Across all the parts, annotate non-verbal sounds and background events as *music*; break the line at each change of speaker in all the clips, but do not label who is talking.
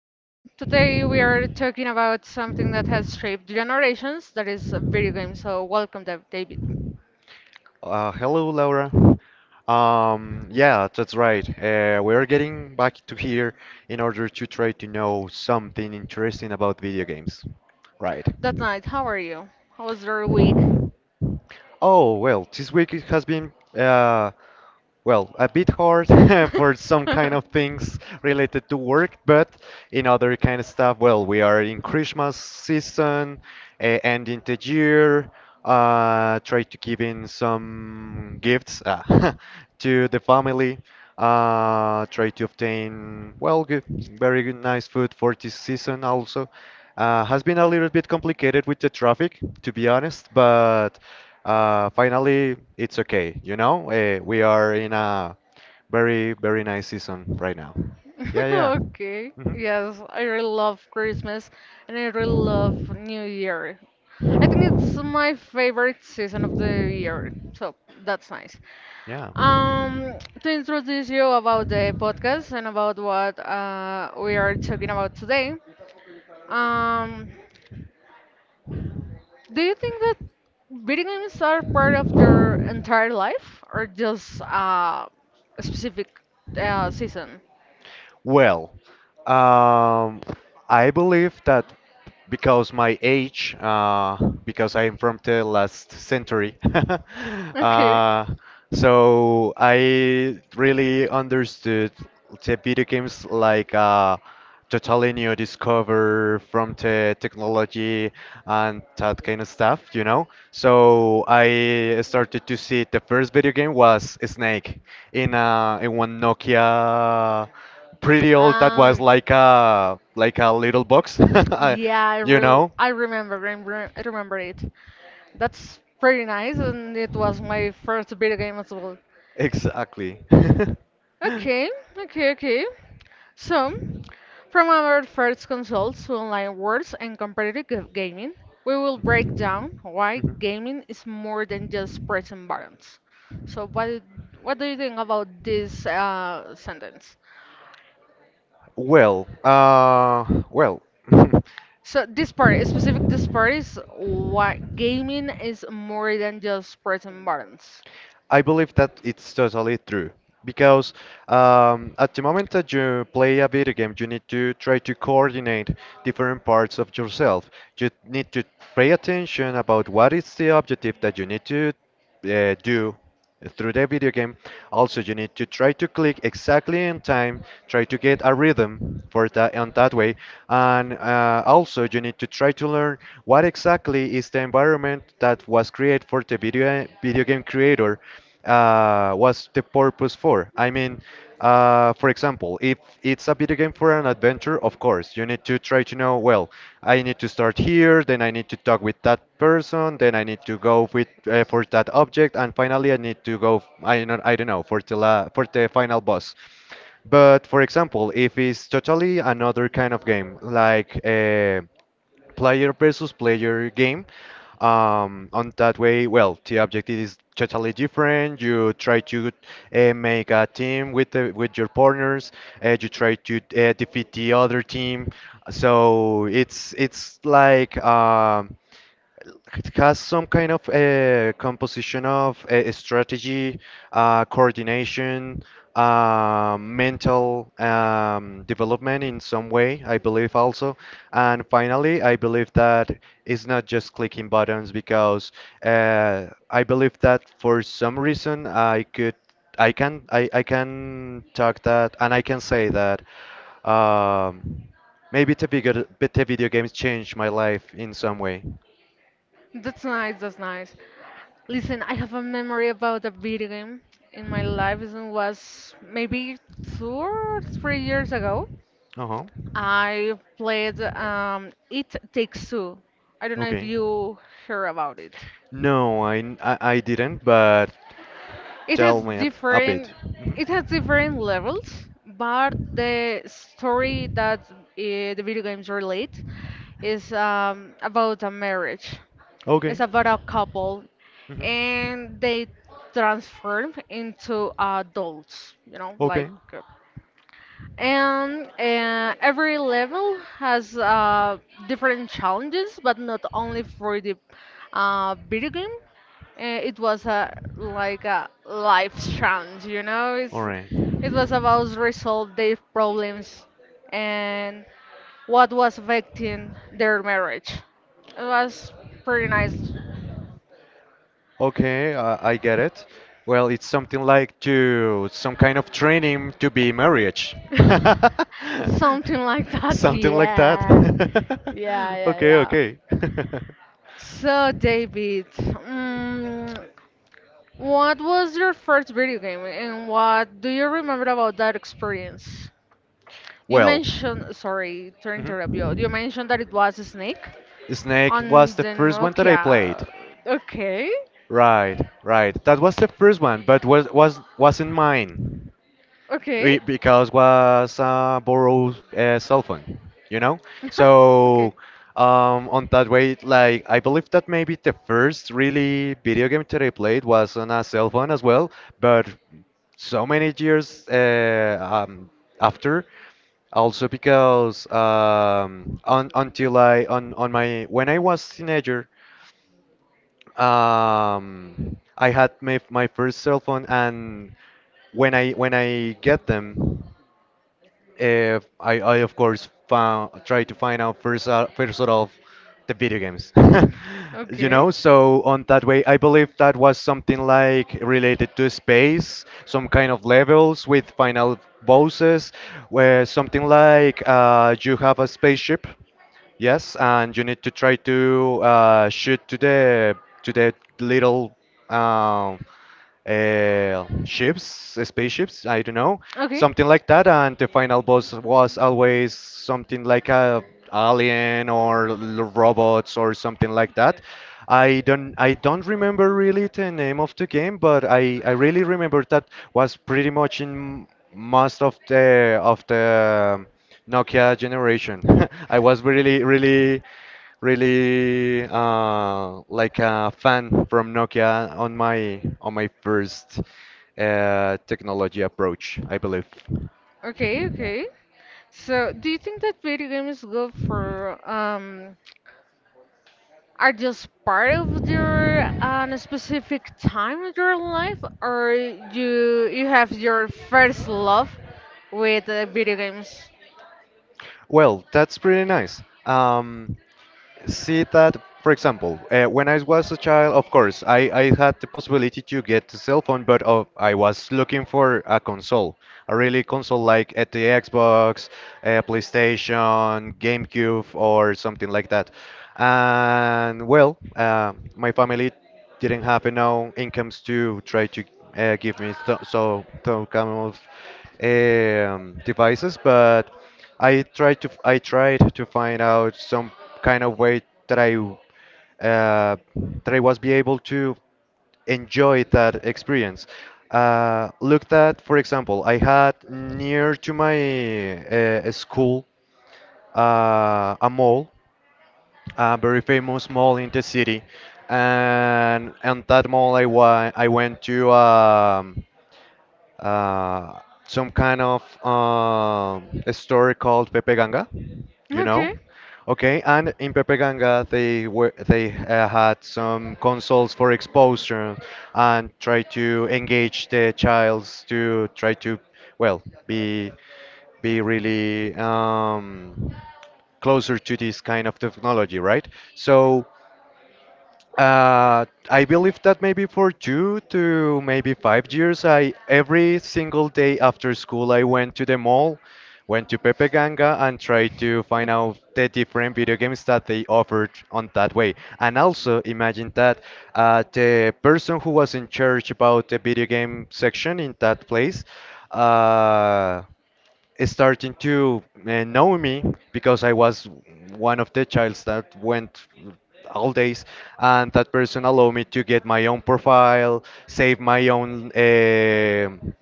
To today we are talking about something that has shaped generations, that is a video game. So, welcome, David.
Hello, Laura. Yeah, that's right. We're getting back to here in order to try to know something interesting about video games. Right.
That night, how are you? How was your week?
Oh, well, this week it has been well, a bit hard *laughs* for some
*laughs*
kind of
*laughs*
things related to work, but in other kind of stuff, well, we are in Christmas season, ending the year, try to give in some gifts ah, *laughs* to the family, try to obtain, well, good, very good, nice food for this season also. Has been a little bit complicated with the traffic, to be honest, but finally, it's okay. You know, we are in a very, very nice season right now. Yeah, yeah.
Okay.
Hmm.
Yes, I really love Christmas and I really love New Year. I think it's my favorite season of the year. So, that's nice.
Yeah.
To introduce you about the podcast and about what we are talking about today, um, do you think that video games are part of your entire life or just a specific season?
Well, um, I believe that because my age, because I am from the last century, *laughs*
Okay.
uh, so I really understood the video games like a totally new discover from the technology and that kind of stuff, you know. So I started to see the first video game was Snake in one Nokia pretty old that
Uh,
was like a little box *laughs* I-
yeah, I
you
re
know
I remember, I remember I remember it. That's pretty nice, and it was my first video game as well.
exactly *laughs*
Okay, okay, okay. So, from our first consults to online wars and competitive gaming, we will break down why
Mhm.
gaming is more than just pressing buttons. So, what do you think about this sentence?
Well, well *laughs*
So, this part, specific this part is why gaming is more than just pressing buttons.
I believe that it's totally true because at the moment that you play a video game, you need to try to coordinate different parts of yourself. You need to pay attention about what is the objective that you need to do through the video game. Also, you need to try to click exactly in time, try to get a rhythm for that on that way, and also you need to try to learn what exactly is the environment that was created for the video game creator was the purpose for? I mean, for example, if it's a video game for an adventure, of course, you need to try to know, well, I need to start here, then I need to talk with that person, then I need to go with for that object, and finally I need to go, I do not I don't, I don't know, for the final boss. But for example, if it's totally another kind of game, like player versus player game on that way, well, the objective is totally different. You try to make a team with with your partners. You try to defeat the other team. So it's like it has some kind of composition of strategy, coordination, mental development in some way, I believe also. And finally, I believe that it's not just clicking buttons because I believe that for some reason I could. I can talk that and I can say that um, maybe the video games changed my life in some way.
That's nice, that's nice. Listen, I have a memory about a video game in my life. It was maybe 2 or 3 years ago.
Uh-huh.
I played It Takes Two. I don't know if
Okay.
you hear about it.
No, I didn't, but
It has
tell me a bit.
different it has
Mhm.
different levels, but the story that the video games relate is about a marriage. It's
Okay.
about a couple,
Mhm.
and they transform into adults. You know, like
Okay.
uh, and every level has different challenges, but not only for the video game. It was a like a life challenge.
All right.
It was about resolve their problems and what was affecting their marriage. It was pretty nice.
Okay, I get it. Well, it's something like to some kind of training to be marriage. *laughs*
*laughs* Something like that,
Something like that.
yeah.
*laughs*
Yeah, yeah,
Okay,
yeah.
okay.
So, David, what was your first video game and what do you remember about that experience?
*laughs*
You
Well.
mentioned, sorry to
Mhm.
interrupt you, you mentioned that it was a snake
Snake
on
was the
the
first one that I
Nokia.
played.
Okay,
Right, right. That was the first one, but was wasn't mine.
okay,
We, because was borrowed cell phone, you know.
*laughs* okay,
So on that way, like I believe that maybe the first really video game that I played was on a cell phone as well. But so many years after, also because on my when I was teenager, I had my first cell phone, and when I get them. I of course found try to find out first out of the video games, *laughs* you
okay,
know. So on that way, I believe that was something like related to space, some kind of levels with final bosses, where something like you have a spaceship, yes, and you need to try to shoot to the little. Um, Ships, spaceships, I don't know,
okay.
something like that. And the final boss was always something like a alien or l- robots or something like that. I don't remember really the name of the game, but I really remember that was pretty much in most of the Nokia generation. *laughs* I was really really like a fan from Nokia on my first technology approach, I believe.
Okay, okay. So, do you think that video games go for are just part of your specific time of your life, or you have your first love with video games?
Well, that's pretty nice. See that for example when I was a child, of course I had the possibility to get a cell phone, but I was looking for a console, a really console, like at the Xbox, PlayStation, GameCube, or something like that. And well my family didn't have enough incomes to try to give me so some kind of devices, but I tried to find out some kind of way that I uh, that I was be able to enjoy that experience. Looked at, for example, I had near to my school a mall, a very famous mall in the city, and that mall I wa I went to. Uh, some kind of a story called Pepe Ganga, you know?
Okay,
Okay, and in Pepe Ganga they were they had some consoles for exposure and try to engage the childs to try to well be really closer to this kind of technology, right? So I believe that maybe for two to maybe 5 years, I every single day after school I went to the mall, went to Pepe Ganga and tried to find out the different video games that they offered on that way. And also imagine that the person who was in charge about the video game section in that place, uh, starting to know me because I was one of the childs that went all days, and that person allowed me to get my own profile, save my own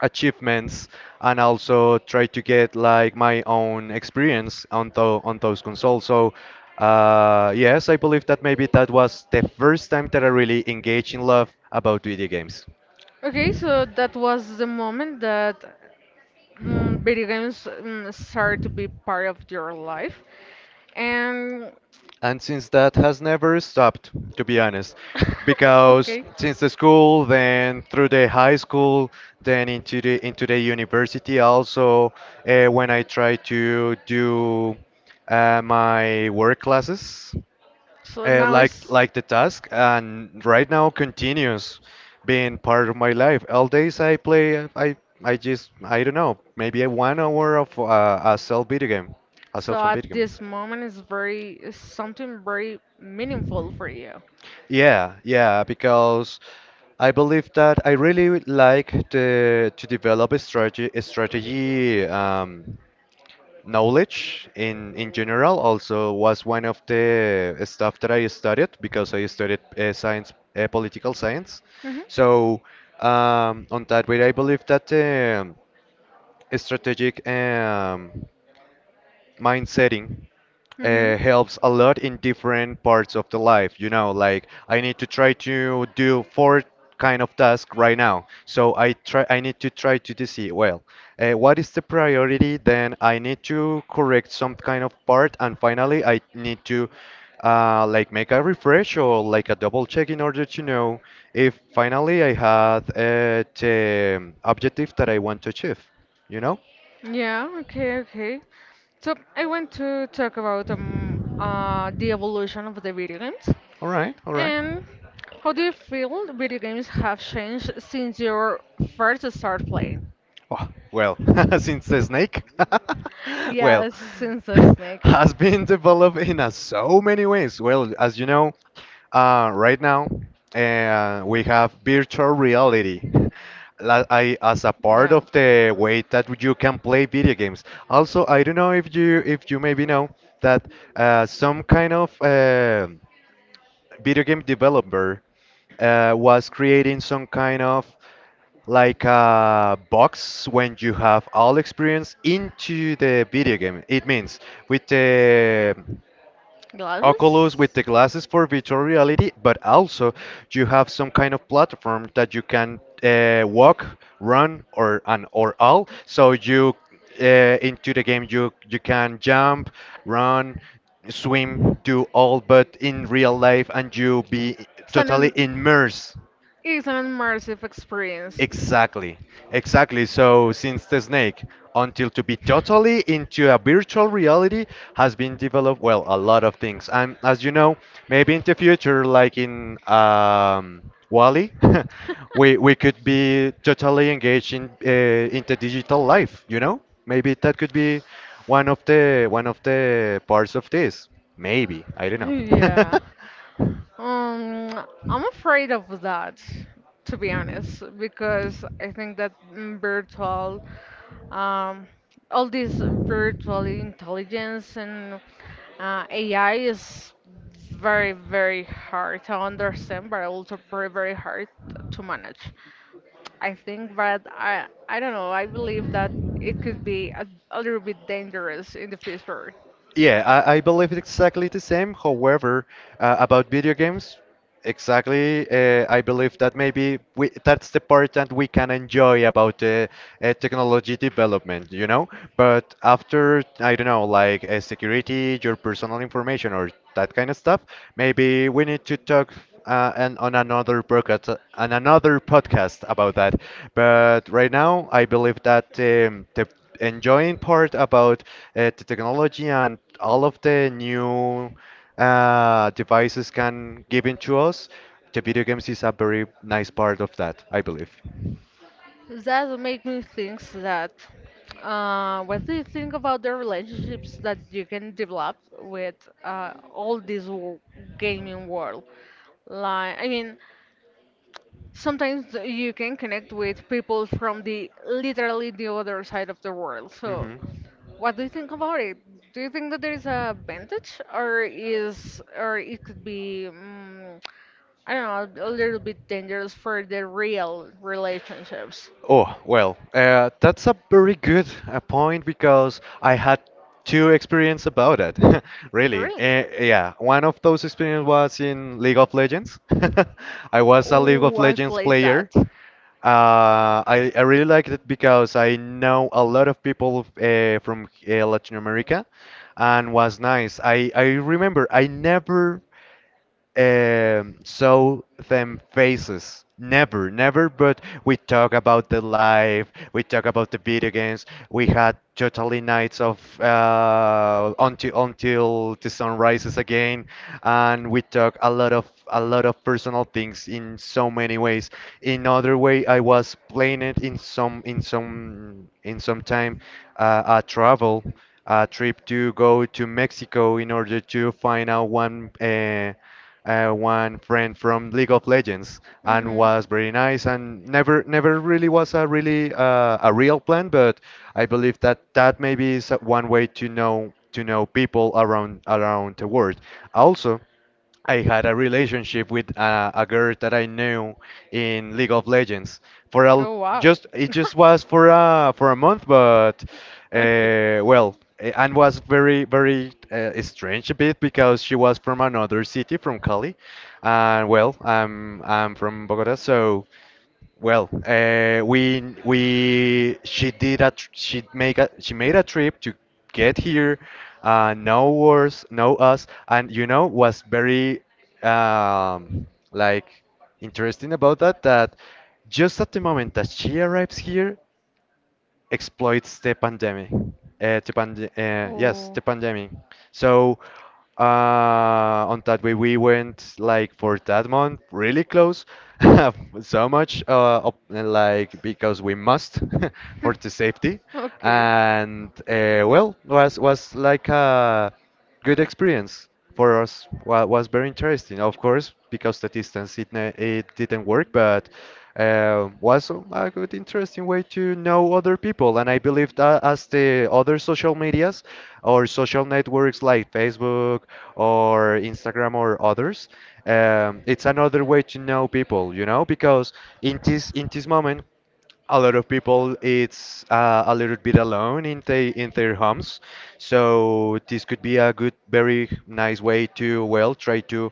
achievements, and also try to get like my own experience on those consoles. So. Yes, I believe that maybe that was the first time that I really engaged in love about video games.
okay. So that was the moment that video games started to be part of your life, and
And since that has never stopped, to be honest,
*laughs*
because
okay.
since the school, then through the high school, then into the university also, when I try to do my work classes,
So now it's
like the task, and right now continues being part of my life. All days I play I don't know, maybe a 1 hour of a cell video game, a cell
so
phone
at
video
this moment it's something very meaningful for you.
Yeah, yeah, because I believe that I really would like to develop a strategy, a strategy knowledge in general. Also, was one of the stuff that I studied, because I studied political science.
Mhm.
So on that way, I believe that strategic mind setting
Mhm.
helps a lot in different parts of the life, you know, like I need to try to do four kind of task right now, so I need to try to do, see well, what is the priority, then I need to correct some kind of part, and finally I need to like make a refresh or like a double check, in order to know if finally I had the objective that I want to achieve, you know.
Yeah, okay, okay. So I want to talk about the evolution of the video games.
All right, all right.
And how do you feel the video games have changed since your first start playing?
Oh, well, *laughs* since the snake, *laughs* well,
Yes, since the
*laughs*
snake.
has been developed in so many ways. Well, as you know, right now we have virtual reality. *laughs* La- I, as a part
Yeah.
of the way that you can play video games. Also, I don't know if you maybe know that some kind of video game developer was creating some kind of like a box when you have all experience into the video game. It means with the
Glasses?
Oculus, with the glasses for virtual reality, but also you have some kind of platform that you can walk, run, or and or all. So you into the game you can jump, run, swim, do all, but in real life, and you be
It's an
totally
im-
immersed.
it's an immersive experience.
Exactly, exactly. So, since the snake, until to be totally into a virtual reality, has been developed, well, a lot of things. And as you know, maybe in the future, like in Wally, *laughs* we could be totally engaged in the digital life. You know, maybe that could be one of the parts of this. Maybe I don't know.
Yeah.
*laughs*
Um, I'm afraid of that, to be honest, because I think that um, all this virtual intelligence and AI is very, very hard to understand, but also very, very hard to manage. I think, but I don't know. I believe that it could be a little bit dangerous in the future.
Yeah, I believe it's exactly the same. However, about video games, exactly. I believe that maybe that's the part that we can enjoy about the technology development, you know? But after, I don't know, like security, your personal information, or that kind of stuff, maybe we need to talk and on another podcast about that. But right now, I believe that the enjoying part about the technology and all of the new devices can give into us, the video games is a very nice part of that, I believe.
That makes me think that what do you think about the relationships that you can develop with all this gaming world? Like, I mean, sometimes you can connect with people from the literally the other side of the world. So,
Hmm.
what do you think about it? Do you think that there is a advantage, or or it could be? I don't know, a little bit dangerous for the real relationships.
Oh, well, that's a very good point because I had two experience about it, *laughs* really.
Really?
Yeah, one of those experience was in League of Legends. *laughs* I was a League of
Oh, I
Legends
played
player.
that.
I really liked it because I know a lot of people from Latin America and was nice. I remember I never show them faces. Never, never, but we talk about the life, we talk about the video games. We had totally nights of until the sun rises again, and we talk a lot of personal things in so many ways. In other way, I was playing it in some time, uh, a travel a trip to go to Mexico in order to find out one. One friend from League of Legends and
Hmm.
was very nice and never never really was a real plan, but I believe that maybe is one way to know people around the world. Also, I had a relationship with a girl that I knew in League of Legends for a
Oh, wow.
just
*laughs*
it just was for a month, but
Okay.
well, and was very very strange a bit because she was from another city, from Cali, and well, I'm from Bogota, so. Well, we she made a trip to get here, know us, and was very um, like interesting about that just at the moment that she arrives here exploits the pandemic. Yes,
Oh.
the pandemic. So uh, on that way, we went like for that month really close, *laughs* so much up, like because we must *laughs* for the safety,
*laughs* Okay.
and well was like a good experience for us. Well, was very interesting, of course, because the distance it didn't work, but was a good, interesting way to know other people. And I believe that as the other social medias or social networks like Facebook or Instagram or others, it's another way to know people, you know, because in this moment a lot of people it's a little bit alone in they in their homes, so this could be a good very nice way to well try to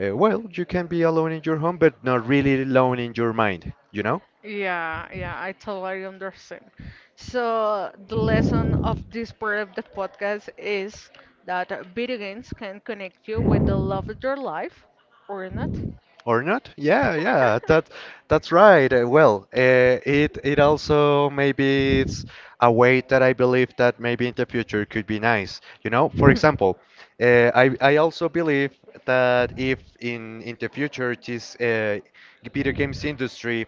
well you can be alone in your home but not really alone in your mind.
Yeah, yeah, I totally understand. So, the lesson of this part of the podcast is that video games can connect you with the love of your life or not.
Or not? Yeah, yeah,
*laughs*
that's right. Well, it also maybe it's a way that I believe that maybe in the future could be nice. You know, for example, I also believe that if in the future this video games industry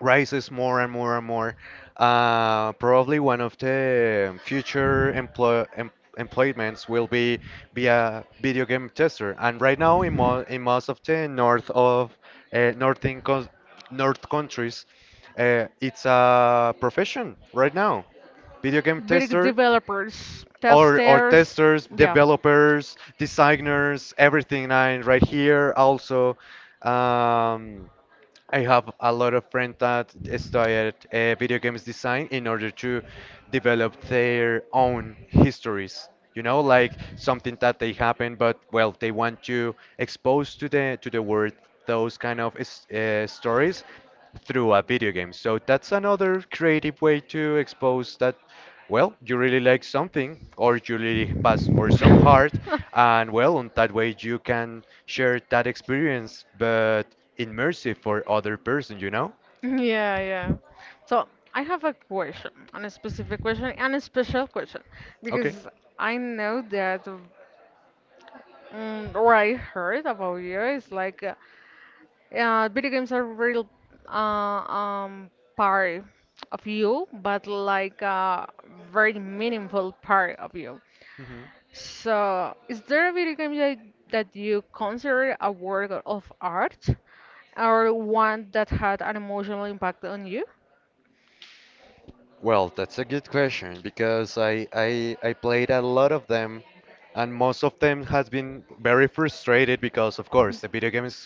rises more and more and more. Probably one of the future employments will be a video game tester. And right now, in most of the north of uh, northern cous- north countries, it's a profession right now. Video game
Big
tester
developers,
or
testers,
testers,
yeah.
developers, designers, everything. And right here also, um, I have a lot of friends that studied video games design in order to develop their own histories. You know, like something that they happen, but well, they want to expose to the world those kind of stories through a video game. So that's another creative way to expose that, well, you really like something or you really pass for some heart, and well, on that way you can share that experience, but immersive for other person, you know?
Yeah, yeah. So I have a question, and a specific question, and a special question,
Okay.
because I know that, or I heard about you, it's like, video games are real, part of you, but like a very meaningful part of you. So, is there a video game that you consider a work of art or one that had an emotional impact on you?
Well, that's a good question because I played a lot of them, and most of them has been very frustrated because of course the video games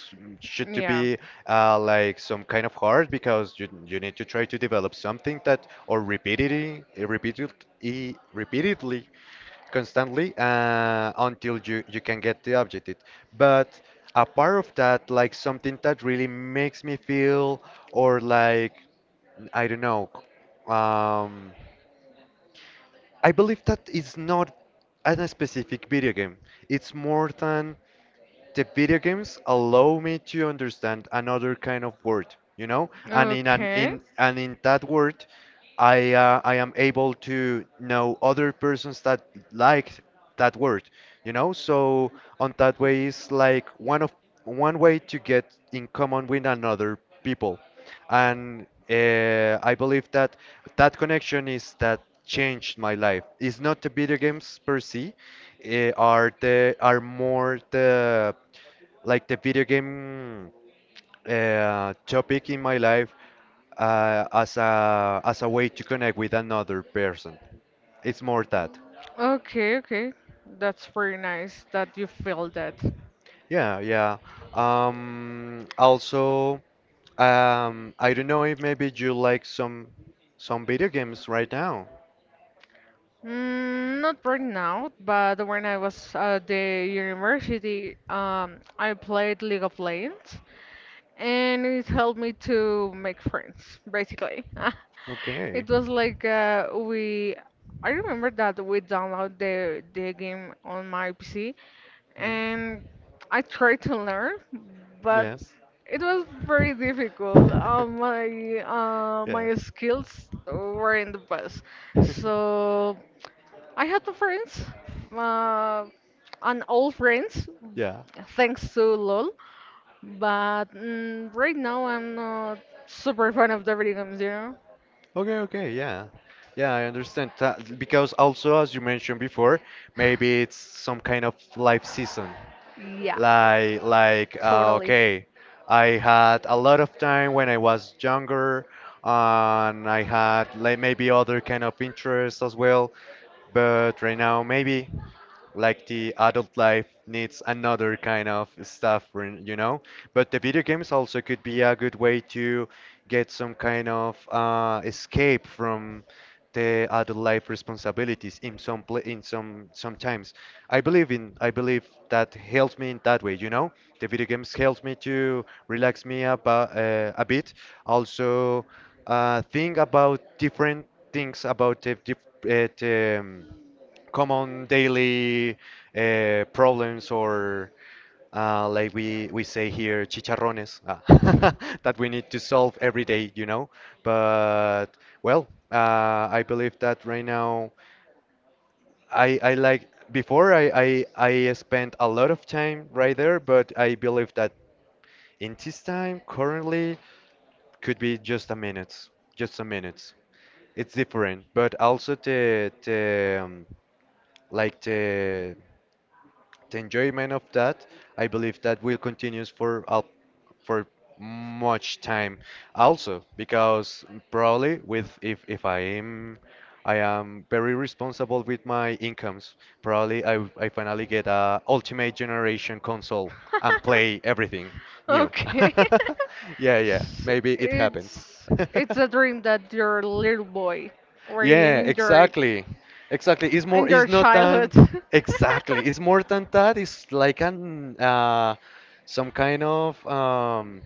should to
Yeah.
be like some kind of hard because you need to try to develop something that or repeatedly constantly, until you can get the objective. But apart of that, like something that really makes me feel or like I don't know. Um, I believe that it's not a specific video game. It's more than the video games allow me to understand another kind of word, you know? And in an
Okay.
in and in that word, I am able to know other persons that like that word, you know? So on that way is like one way to get in common with another people and I believe that that connection is that changed my life. It's not the video games per se, are the are more the like the video game topic in my life as a way to connect with another person. It's more that.
Okay, okay. That's very nice that you feel that.
Yeah, yeah. Also, I don't know if maybe you like some video games right now.
Not right now, but when I was at the university, I played League of Legends. And it helped me to make friends basically. *laughs*
Okay.
It was like we I remember that we download the game on my PC,
Mhm.
and I tried to learn, but
Yes. *laughs*
it was very difficult. uh, my uh,
Yeah.
my skills weren't the best,
*laughs*
so I had two friends, uh, an old friends
Yeah.
thanks to LoL. But right now, I'm not super fan of the video games, you know?
Okay, okay, yeah. Yeah, I understand that because also as you mentioned before, maybe it's some kind of life season.
Yeah,
Like
totally.
okay, I had a lot of time when I was younger and I had like maybe other kind of interests as well, but right now maybe like the adult life needs another kind of stuff, you know? But the video games also could be a good way to get some kind of escape from the adult life responsibilities in some sometimes. I believe that helps me in that way, you know? The video games helps me to relax me about a bit. Also, think about different things about the common daily problems or like we say here, chicharrones, *laughs* that we need to solve every day. But well, I believe that right now I like before I spent a lot of time right there, but I believe that in this time currently could be just a minutes, just a minutes. It's different, but also the like the enjoyment of that, I believe that will continue for much time also because probably with if I am very responsible with my incomes, probably I finally get a ultimate generation console and play everything new. *laughs*
Okay.
Yeah,
*laughs*
yeah,
S-
maybe it happens.
It's
*laughs*
it's a dream that your little boy already and
Yeah,
enjoyed
exactly. Exactly. It's more,
in
it's
your
not an,
childhood. *laughs*
exactly. It's more than that. It's like some kind of,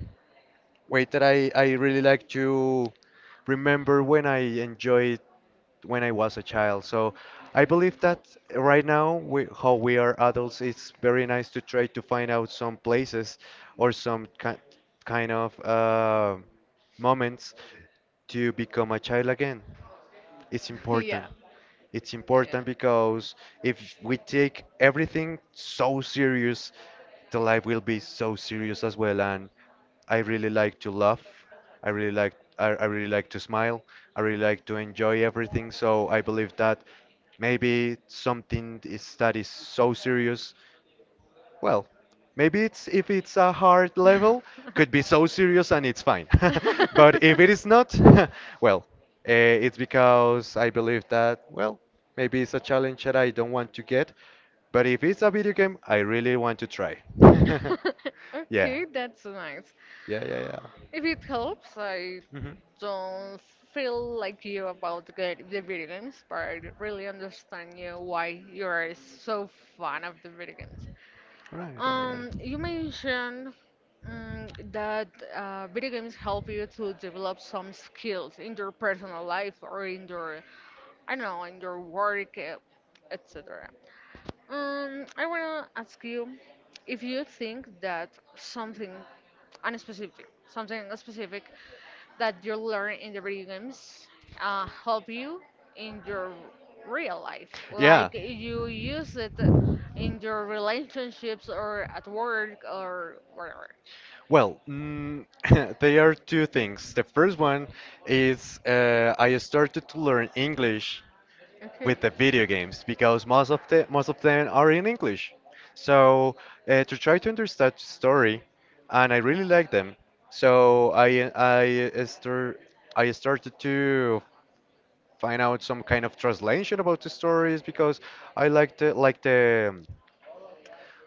way that I really like to remember when I enjoyed when I was a child. So I believe that right now, how we are adults, it's very nice to try to find out some places or some ki kind of, moments to become a child again. It's important.
Yeah.
It's important because if we take everything so serious, the life will be so serious as well. And I really like to laugh. I really like I really like to smile. I really like to enjoy everything. So I believe that maybe something is that is so serious, well, maybe it's if it's a hard level, could be so serious and it's fine. *laughs* But if it is
Yeah.
not, *laughs* well,
*laughs* *laughs*
uh, it's because I believe that, well, maybe it's a challenge that I don't want to get. But if it's a video game, I really want to try. *laughs*
*laughs*
Yeah,
Okay, that's nice.
yeah, yeah, yeah.
If it helps, I
Hmm.
don't feel like you about the video games, but I really understand you why you're so fan of the video games.
Right, right, right.
You mentioned um, that video games help you to develop some skills in your personal life or in your, I don't know, in your work, etc. I wanna ask you if you think that something something specific that you learn in the video games help you in your real life,
Yeah,
like you use it in your relationships or at work or whatever.
well, *laughs* there are two things. The first one is I started to learn English
Okay,
with the video games because most of them are in English. So to try to understand the story, and I really like them. So I started to find out some kind of translation about the stories because I like the like the,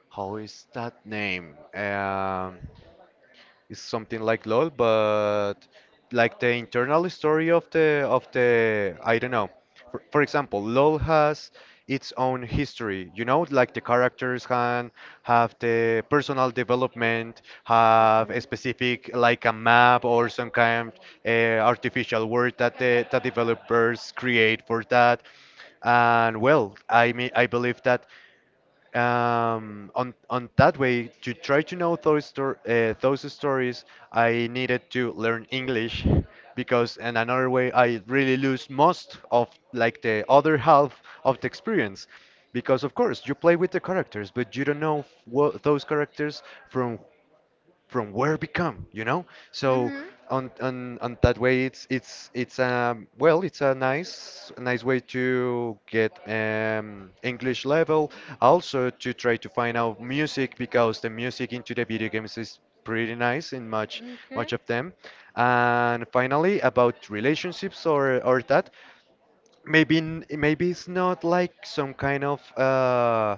how is that name? It's something like LOL, but like the internal story of the I don't know. For example, LOL has its own history. You know, like the characters can have the personal development, have a
okay.
specific like a map or some kind artificial world that developers create for that. And well, I mean, I believe that on that way to try to know those stories, I needed to learn English because in another way I really lose most of like the other half of the experience because of course you play with the characters but you don't know what those characters from from where become, you know? So on that way it's well, it's a nice way to get English level, also to try to find out music because the music into the video games is pretty nice in much
Hmm. Okay.
much of them. And finally, about relationships or that, maybe maybe it's not like some kind of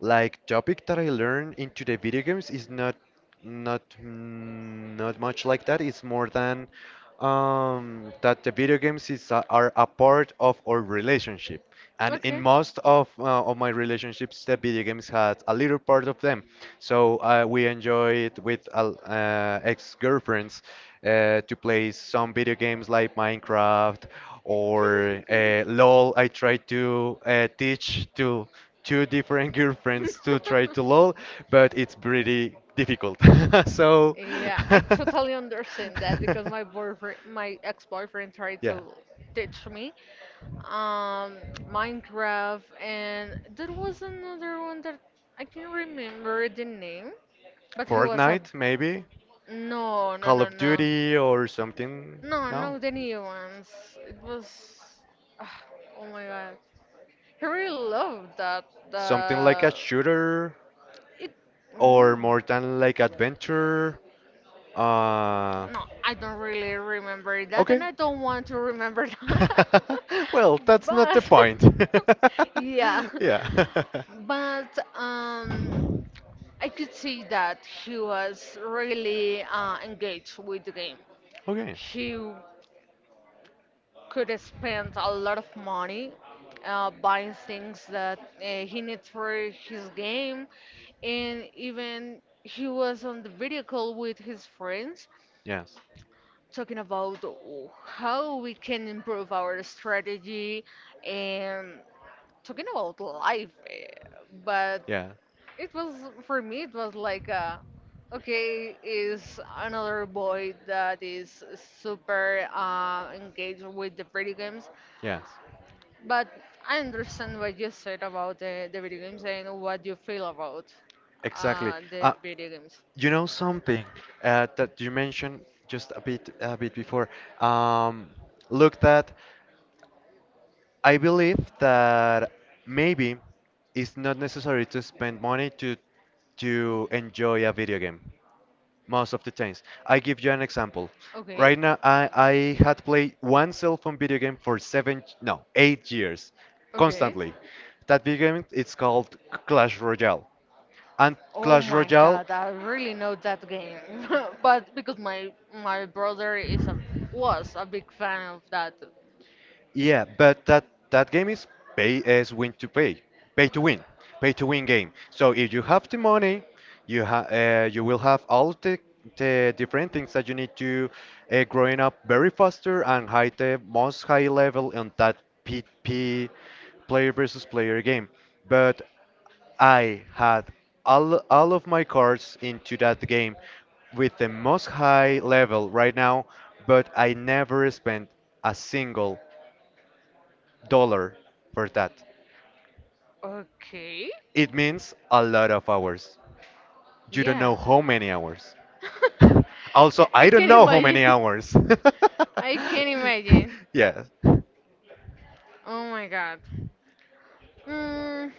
like topic that I learned into the video games is not much like that. It's more than that the video games are a part of our relationship, and in
Okay.
most of
*laughs*
uh, of my relationships, the video games had a little part of them. So we enjoyed with ex-girlfriends to play some video games like Minecraft or LOL. I tried to teach to two different *laughs* girlfriends to try to lol, but it's pretty difficult. *laughs* So,
Yeah, I totally understand that because my
*laughs*
boyfriend, my ex-boyfriend tried
yeah,
to teach me um Minecraft and there was another one that I can remember the name. But he was a.
Fortnite maybe?
No, no,
Call
no,
of
no.
Duty or something?
No, no,
No,
the new ones. It was. Ah, oh my god. He really loved that.
something like a
The.
shooter
It.
or
No.
more than like adventure. Uh,
No, I don't really remember that,
okay.
and I don't want to remember that.
*laughs* Well,
*laughs*
that's not the
but.
point.
*laughs* yeah.
*laughs* Yeah. *laughs*
But. I could see that he was really engaged with the game.
Okay.
He could spend a lot of money buying things that he needs for his game, and even he was on the video call with his friends
Yes.
talking about how we can improve our strategy and talking about life. But
Yeah.
it was for me. It was like, okay, is another boy that is super engaged with the video games.
Yes.
But I understand what you said about the video games and what you feel about
Exactly.
the
Uh,
video games.
You know something that you mentioned just a bit before. Um, Look that I believe that maybe it's not necessary to spend money to enjoy a video game most of the times. I give you an example.
Okay.
Right now, I had played one cell phone video game for 7, no, 8 years,
Okay.
constantly. That video game it's called Clash Royale. And
Oh
Clash
my
Royale.
god, I really know that game. *laughs* But because my brother is a was a big fan of that.
Yeah, but that game is pay as win to pay, pay to win, pay to win game. So if you have the money, you will have all the different things that you need to growing up very faster and high the most high level on that P P player versus player game. But I had all of my cards into that game with the most high level right now, but I never spent a single dollar for that.
Okay.
It means a lot of hours. You don't
Yeah.
know how many hours. *laughs* Also,
Yeah, I
I don't
can
know how many
imagine.
hours. *laughs*
*laughs* I can imagine.
Yeah.
Oh my god. Mm,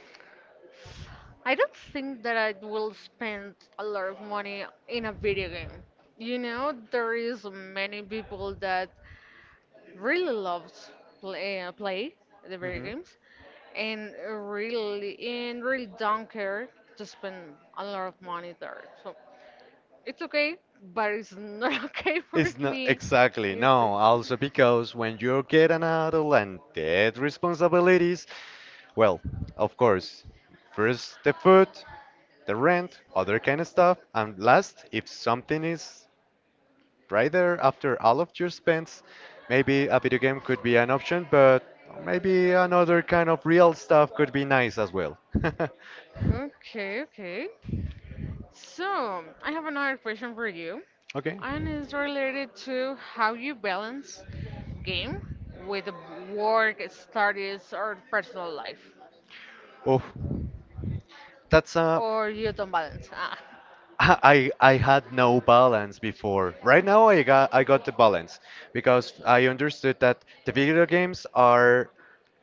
I don't think that I will spend a lot of money in a video game. You know, there is many people that really loves play the video
Mhm.
games and and really don't care to spend a lot of money there. So it's okay, but it's not *laughs* okay for
It's not
me.
exactly
I
no. Also, because when you get an adult and dead responsibilities, well, of course, first the food, the rent, other kind of stuff, and last, if something is right there after all of your spends. Maybe a video game could be an option, but maybe another kind of real stuff could be nice as well. *laughs*
Okay, okay. Okay. So, I have another question for you,
Okay.
and it's related to how you balance game with work, studies, or personal life.
Oh, that's a.
Or you don't balance. Ah.
*laughs* I had no balance before. Right now I got the balance because I understood that the video games are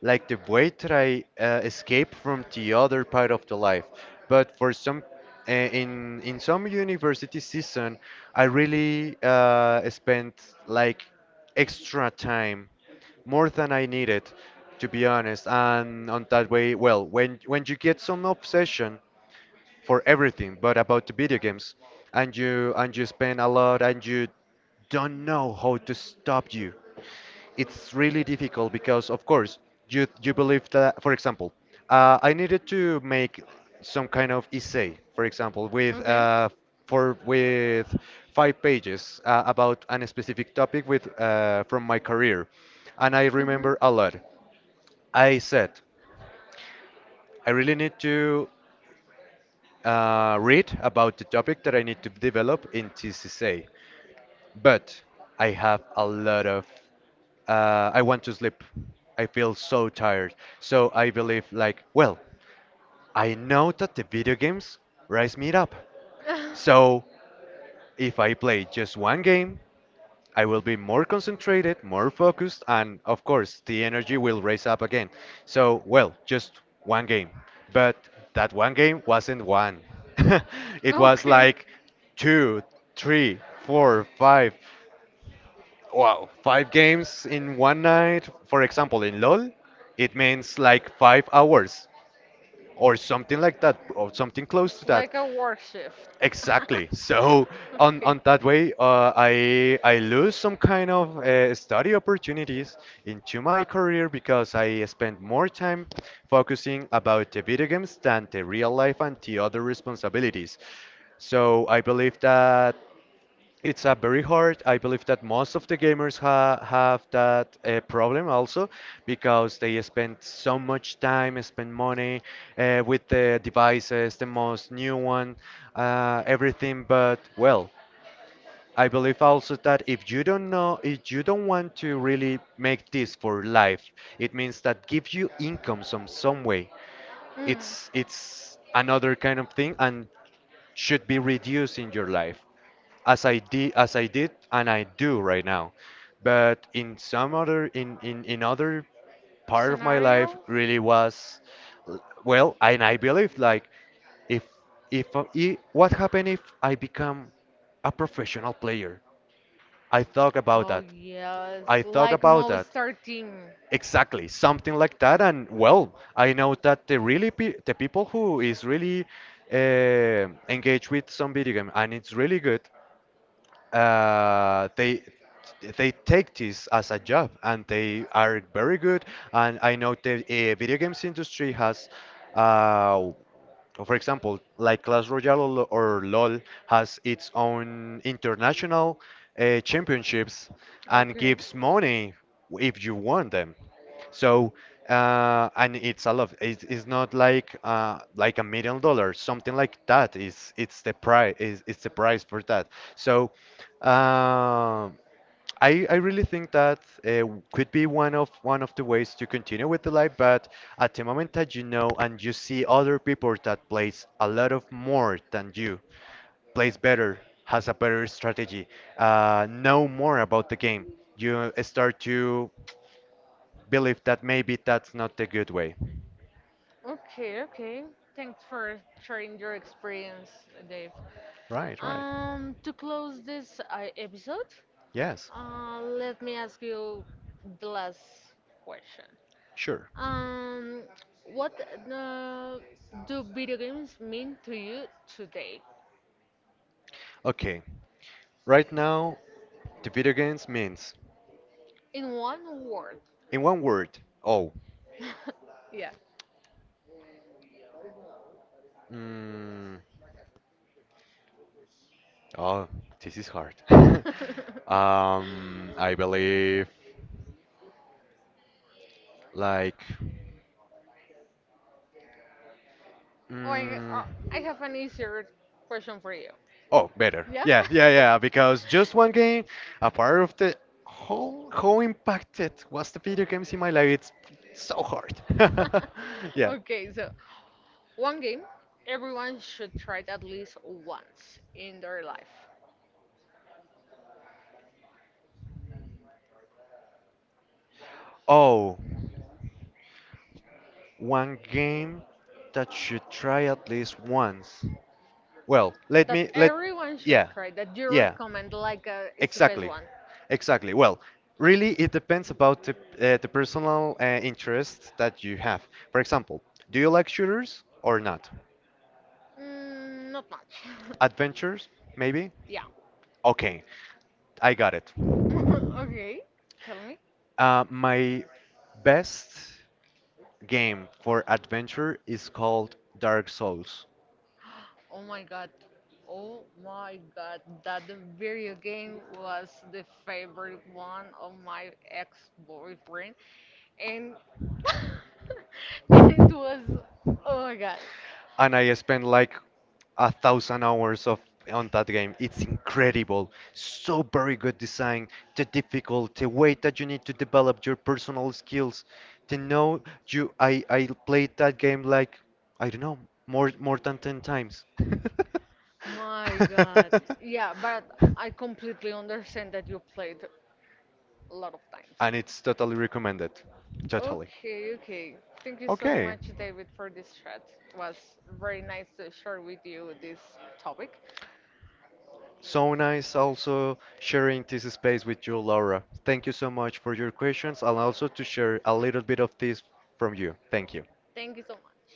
like the way that I escape from the other part of the life. But for some in some university season, I really spent like extra time more than I needed to be honest. And on that way, well, when you get some obsession for everything, but about the video games, and you spend a lot, and you don't know how to stop you. It's really difficult because, of course, you believe that, for example, I needed to make some kind of essay, for example, with
Okay.
uh, for with 5 pages about an specific topic with from my career, and I
Mm-hmm.
remember a lot. I said I really need to read about the topic that I need to develop in TCCA. But I have a lot of. I want to sleep. I feel so tired. So I believe, like, well, I know that the video games rise me up. So if I play just one game, I will be more concentrated, more focused, and of course, the energy will raise up again. So, well, just one game. But that one game wasn't one, *laughs* it
*laughs*
was
okay.
like two, three, four, five. Wow, five games in one night. For example, in LOL, it means like 5 hours or something like that, or something close to
It's
that.
like a work shift. *laughs*
Exactly. So on
Okay.
on that way, I lose some kind of study opportunities into my career because I spend more time focusing about the video games than the real life and the other responsibilities. So I believe that it's a very hard. I believe that most of the gamers ha have that problem also because they spend so much time, spend money with the devices, the most new one, everything. But well, I believe also that if you don't know, if you don't want to really make this for life, it means that gives you income some way.
Mm.
It's another kind of thing and should be reduced in your life as I did and I do right now. But in some other in other part of my life
Scenario?
really was well, and I believe like if if, I what happened if I become a professional player? I thought about
Oh,
that.
yes.
I thought
Like
about that.
Movistar team.
Exactly, something like that. And well, I know that the people who is really engaged with some video game and it's really good, uh, they they take this as a job and they are very good. And I know the video games industry has uh, for example, like Clash Royale or LoL has its own international championships and
Okay.
gives money if you want them. So, and it's a lot. It's not like like $1 million, something like that. Is it's the price. Is it's the price for that. So, um I really think that uh, could be one of the ways to continue with the life, but at the moment that you know and you see other people that plays a lot of more than you, plays better, has a better strategy, know more about the game, you start to believe that maybe that's not the good way.
Okay, okay. Thanks for sharing your experience, Dave.
Right, right.
To close this episode,
Yes,
Let me ask you the last question.
sure.
Um, what uh, do video games mean to you today?
Okay, right now the video games means,
In one word.
in one word, oh,
*laughs* Yeah.
mm, Oh, this is hard.
*laughs*
*laughs*
or,
I believe like
or
mm,
I have an easier question for you.
Oh, better.
Yeah?
Yeah, yeah,
*laughs*
yeah. Because just one game, a part of the whole, how impacted was the video games in my life? It's so hard. *laughs*
*laughs*
Yeah.
okay, so one game everyone should try it at least once in their life.
Oh, one game that should try at least once. Well, let
That
me let.
everyone should
Yeah,
try. That you
yeah.
recommend like it's the best
Exactly.
one.
Exactly. Well, really, it depends about the personal interest that you have. For example, do you like shooters or not?
Not much. *laughs*
Adventures, maybe?
Yeah.
Okay, I got it.
*laughs* okay. Tell me.
My best game for adventure is called Dark Souls,
Oh my god. Oh my god. That the video game was the favorite one of my ex-boyfriend, and *laughs* and it was. Oh my god.
and I spent like 1,000 hours of on that game. It's incredible. So very good design, the difficult, the way that you need to develop your personal skills. To know you, I played that game like I don't know more than 10 times. *laughs*
My God. Yeah, but I completely understand that you played a lot of times.
And it's totally recommended. Totally.
Okay, okay. Thank you so
Okay.
much, David, for this chat. It was very nice to share with you this topic.
So nice also sharing this space with you, Laura. Thank you so much for your questions and also to share a little bit of this from you. Thank you.
Thank you so much.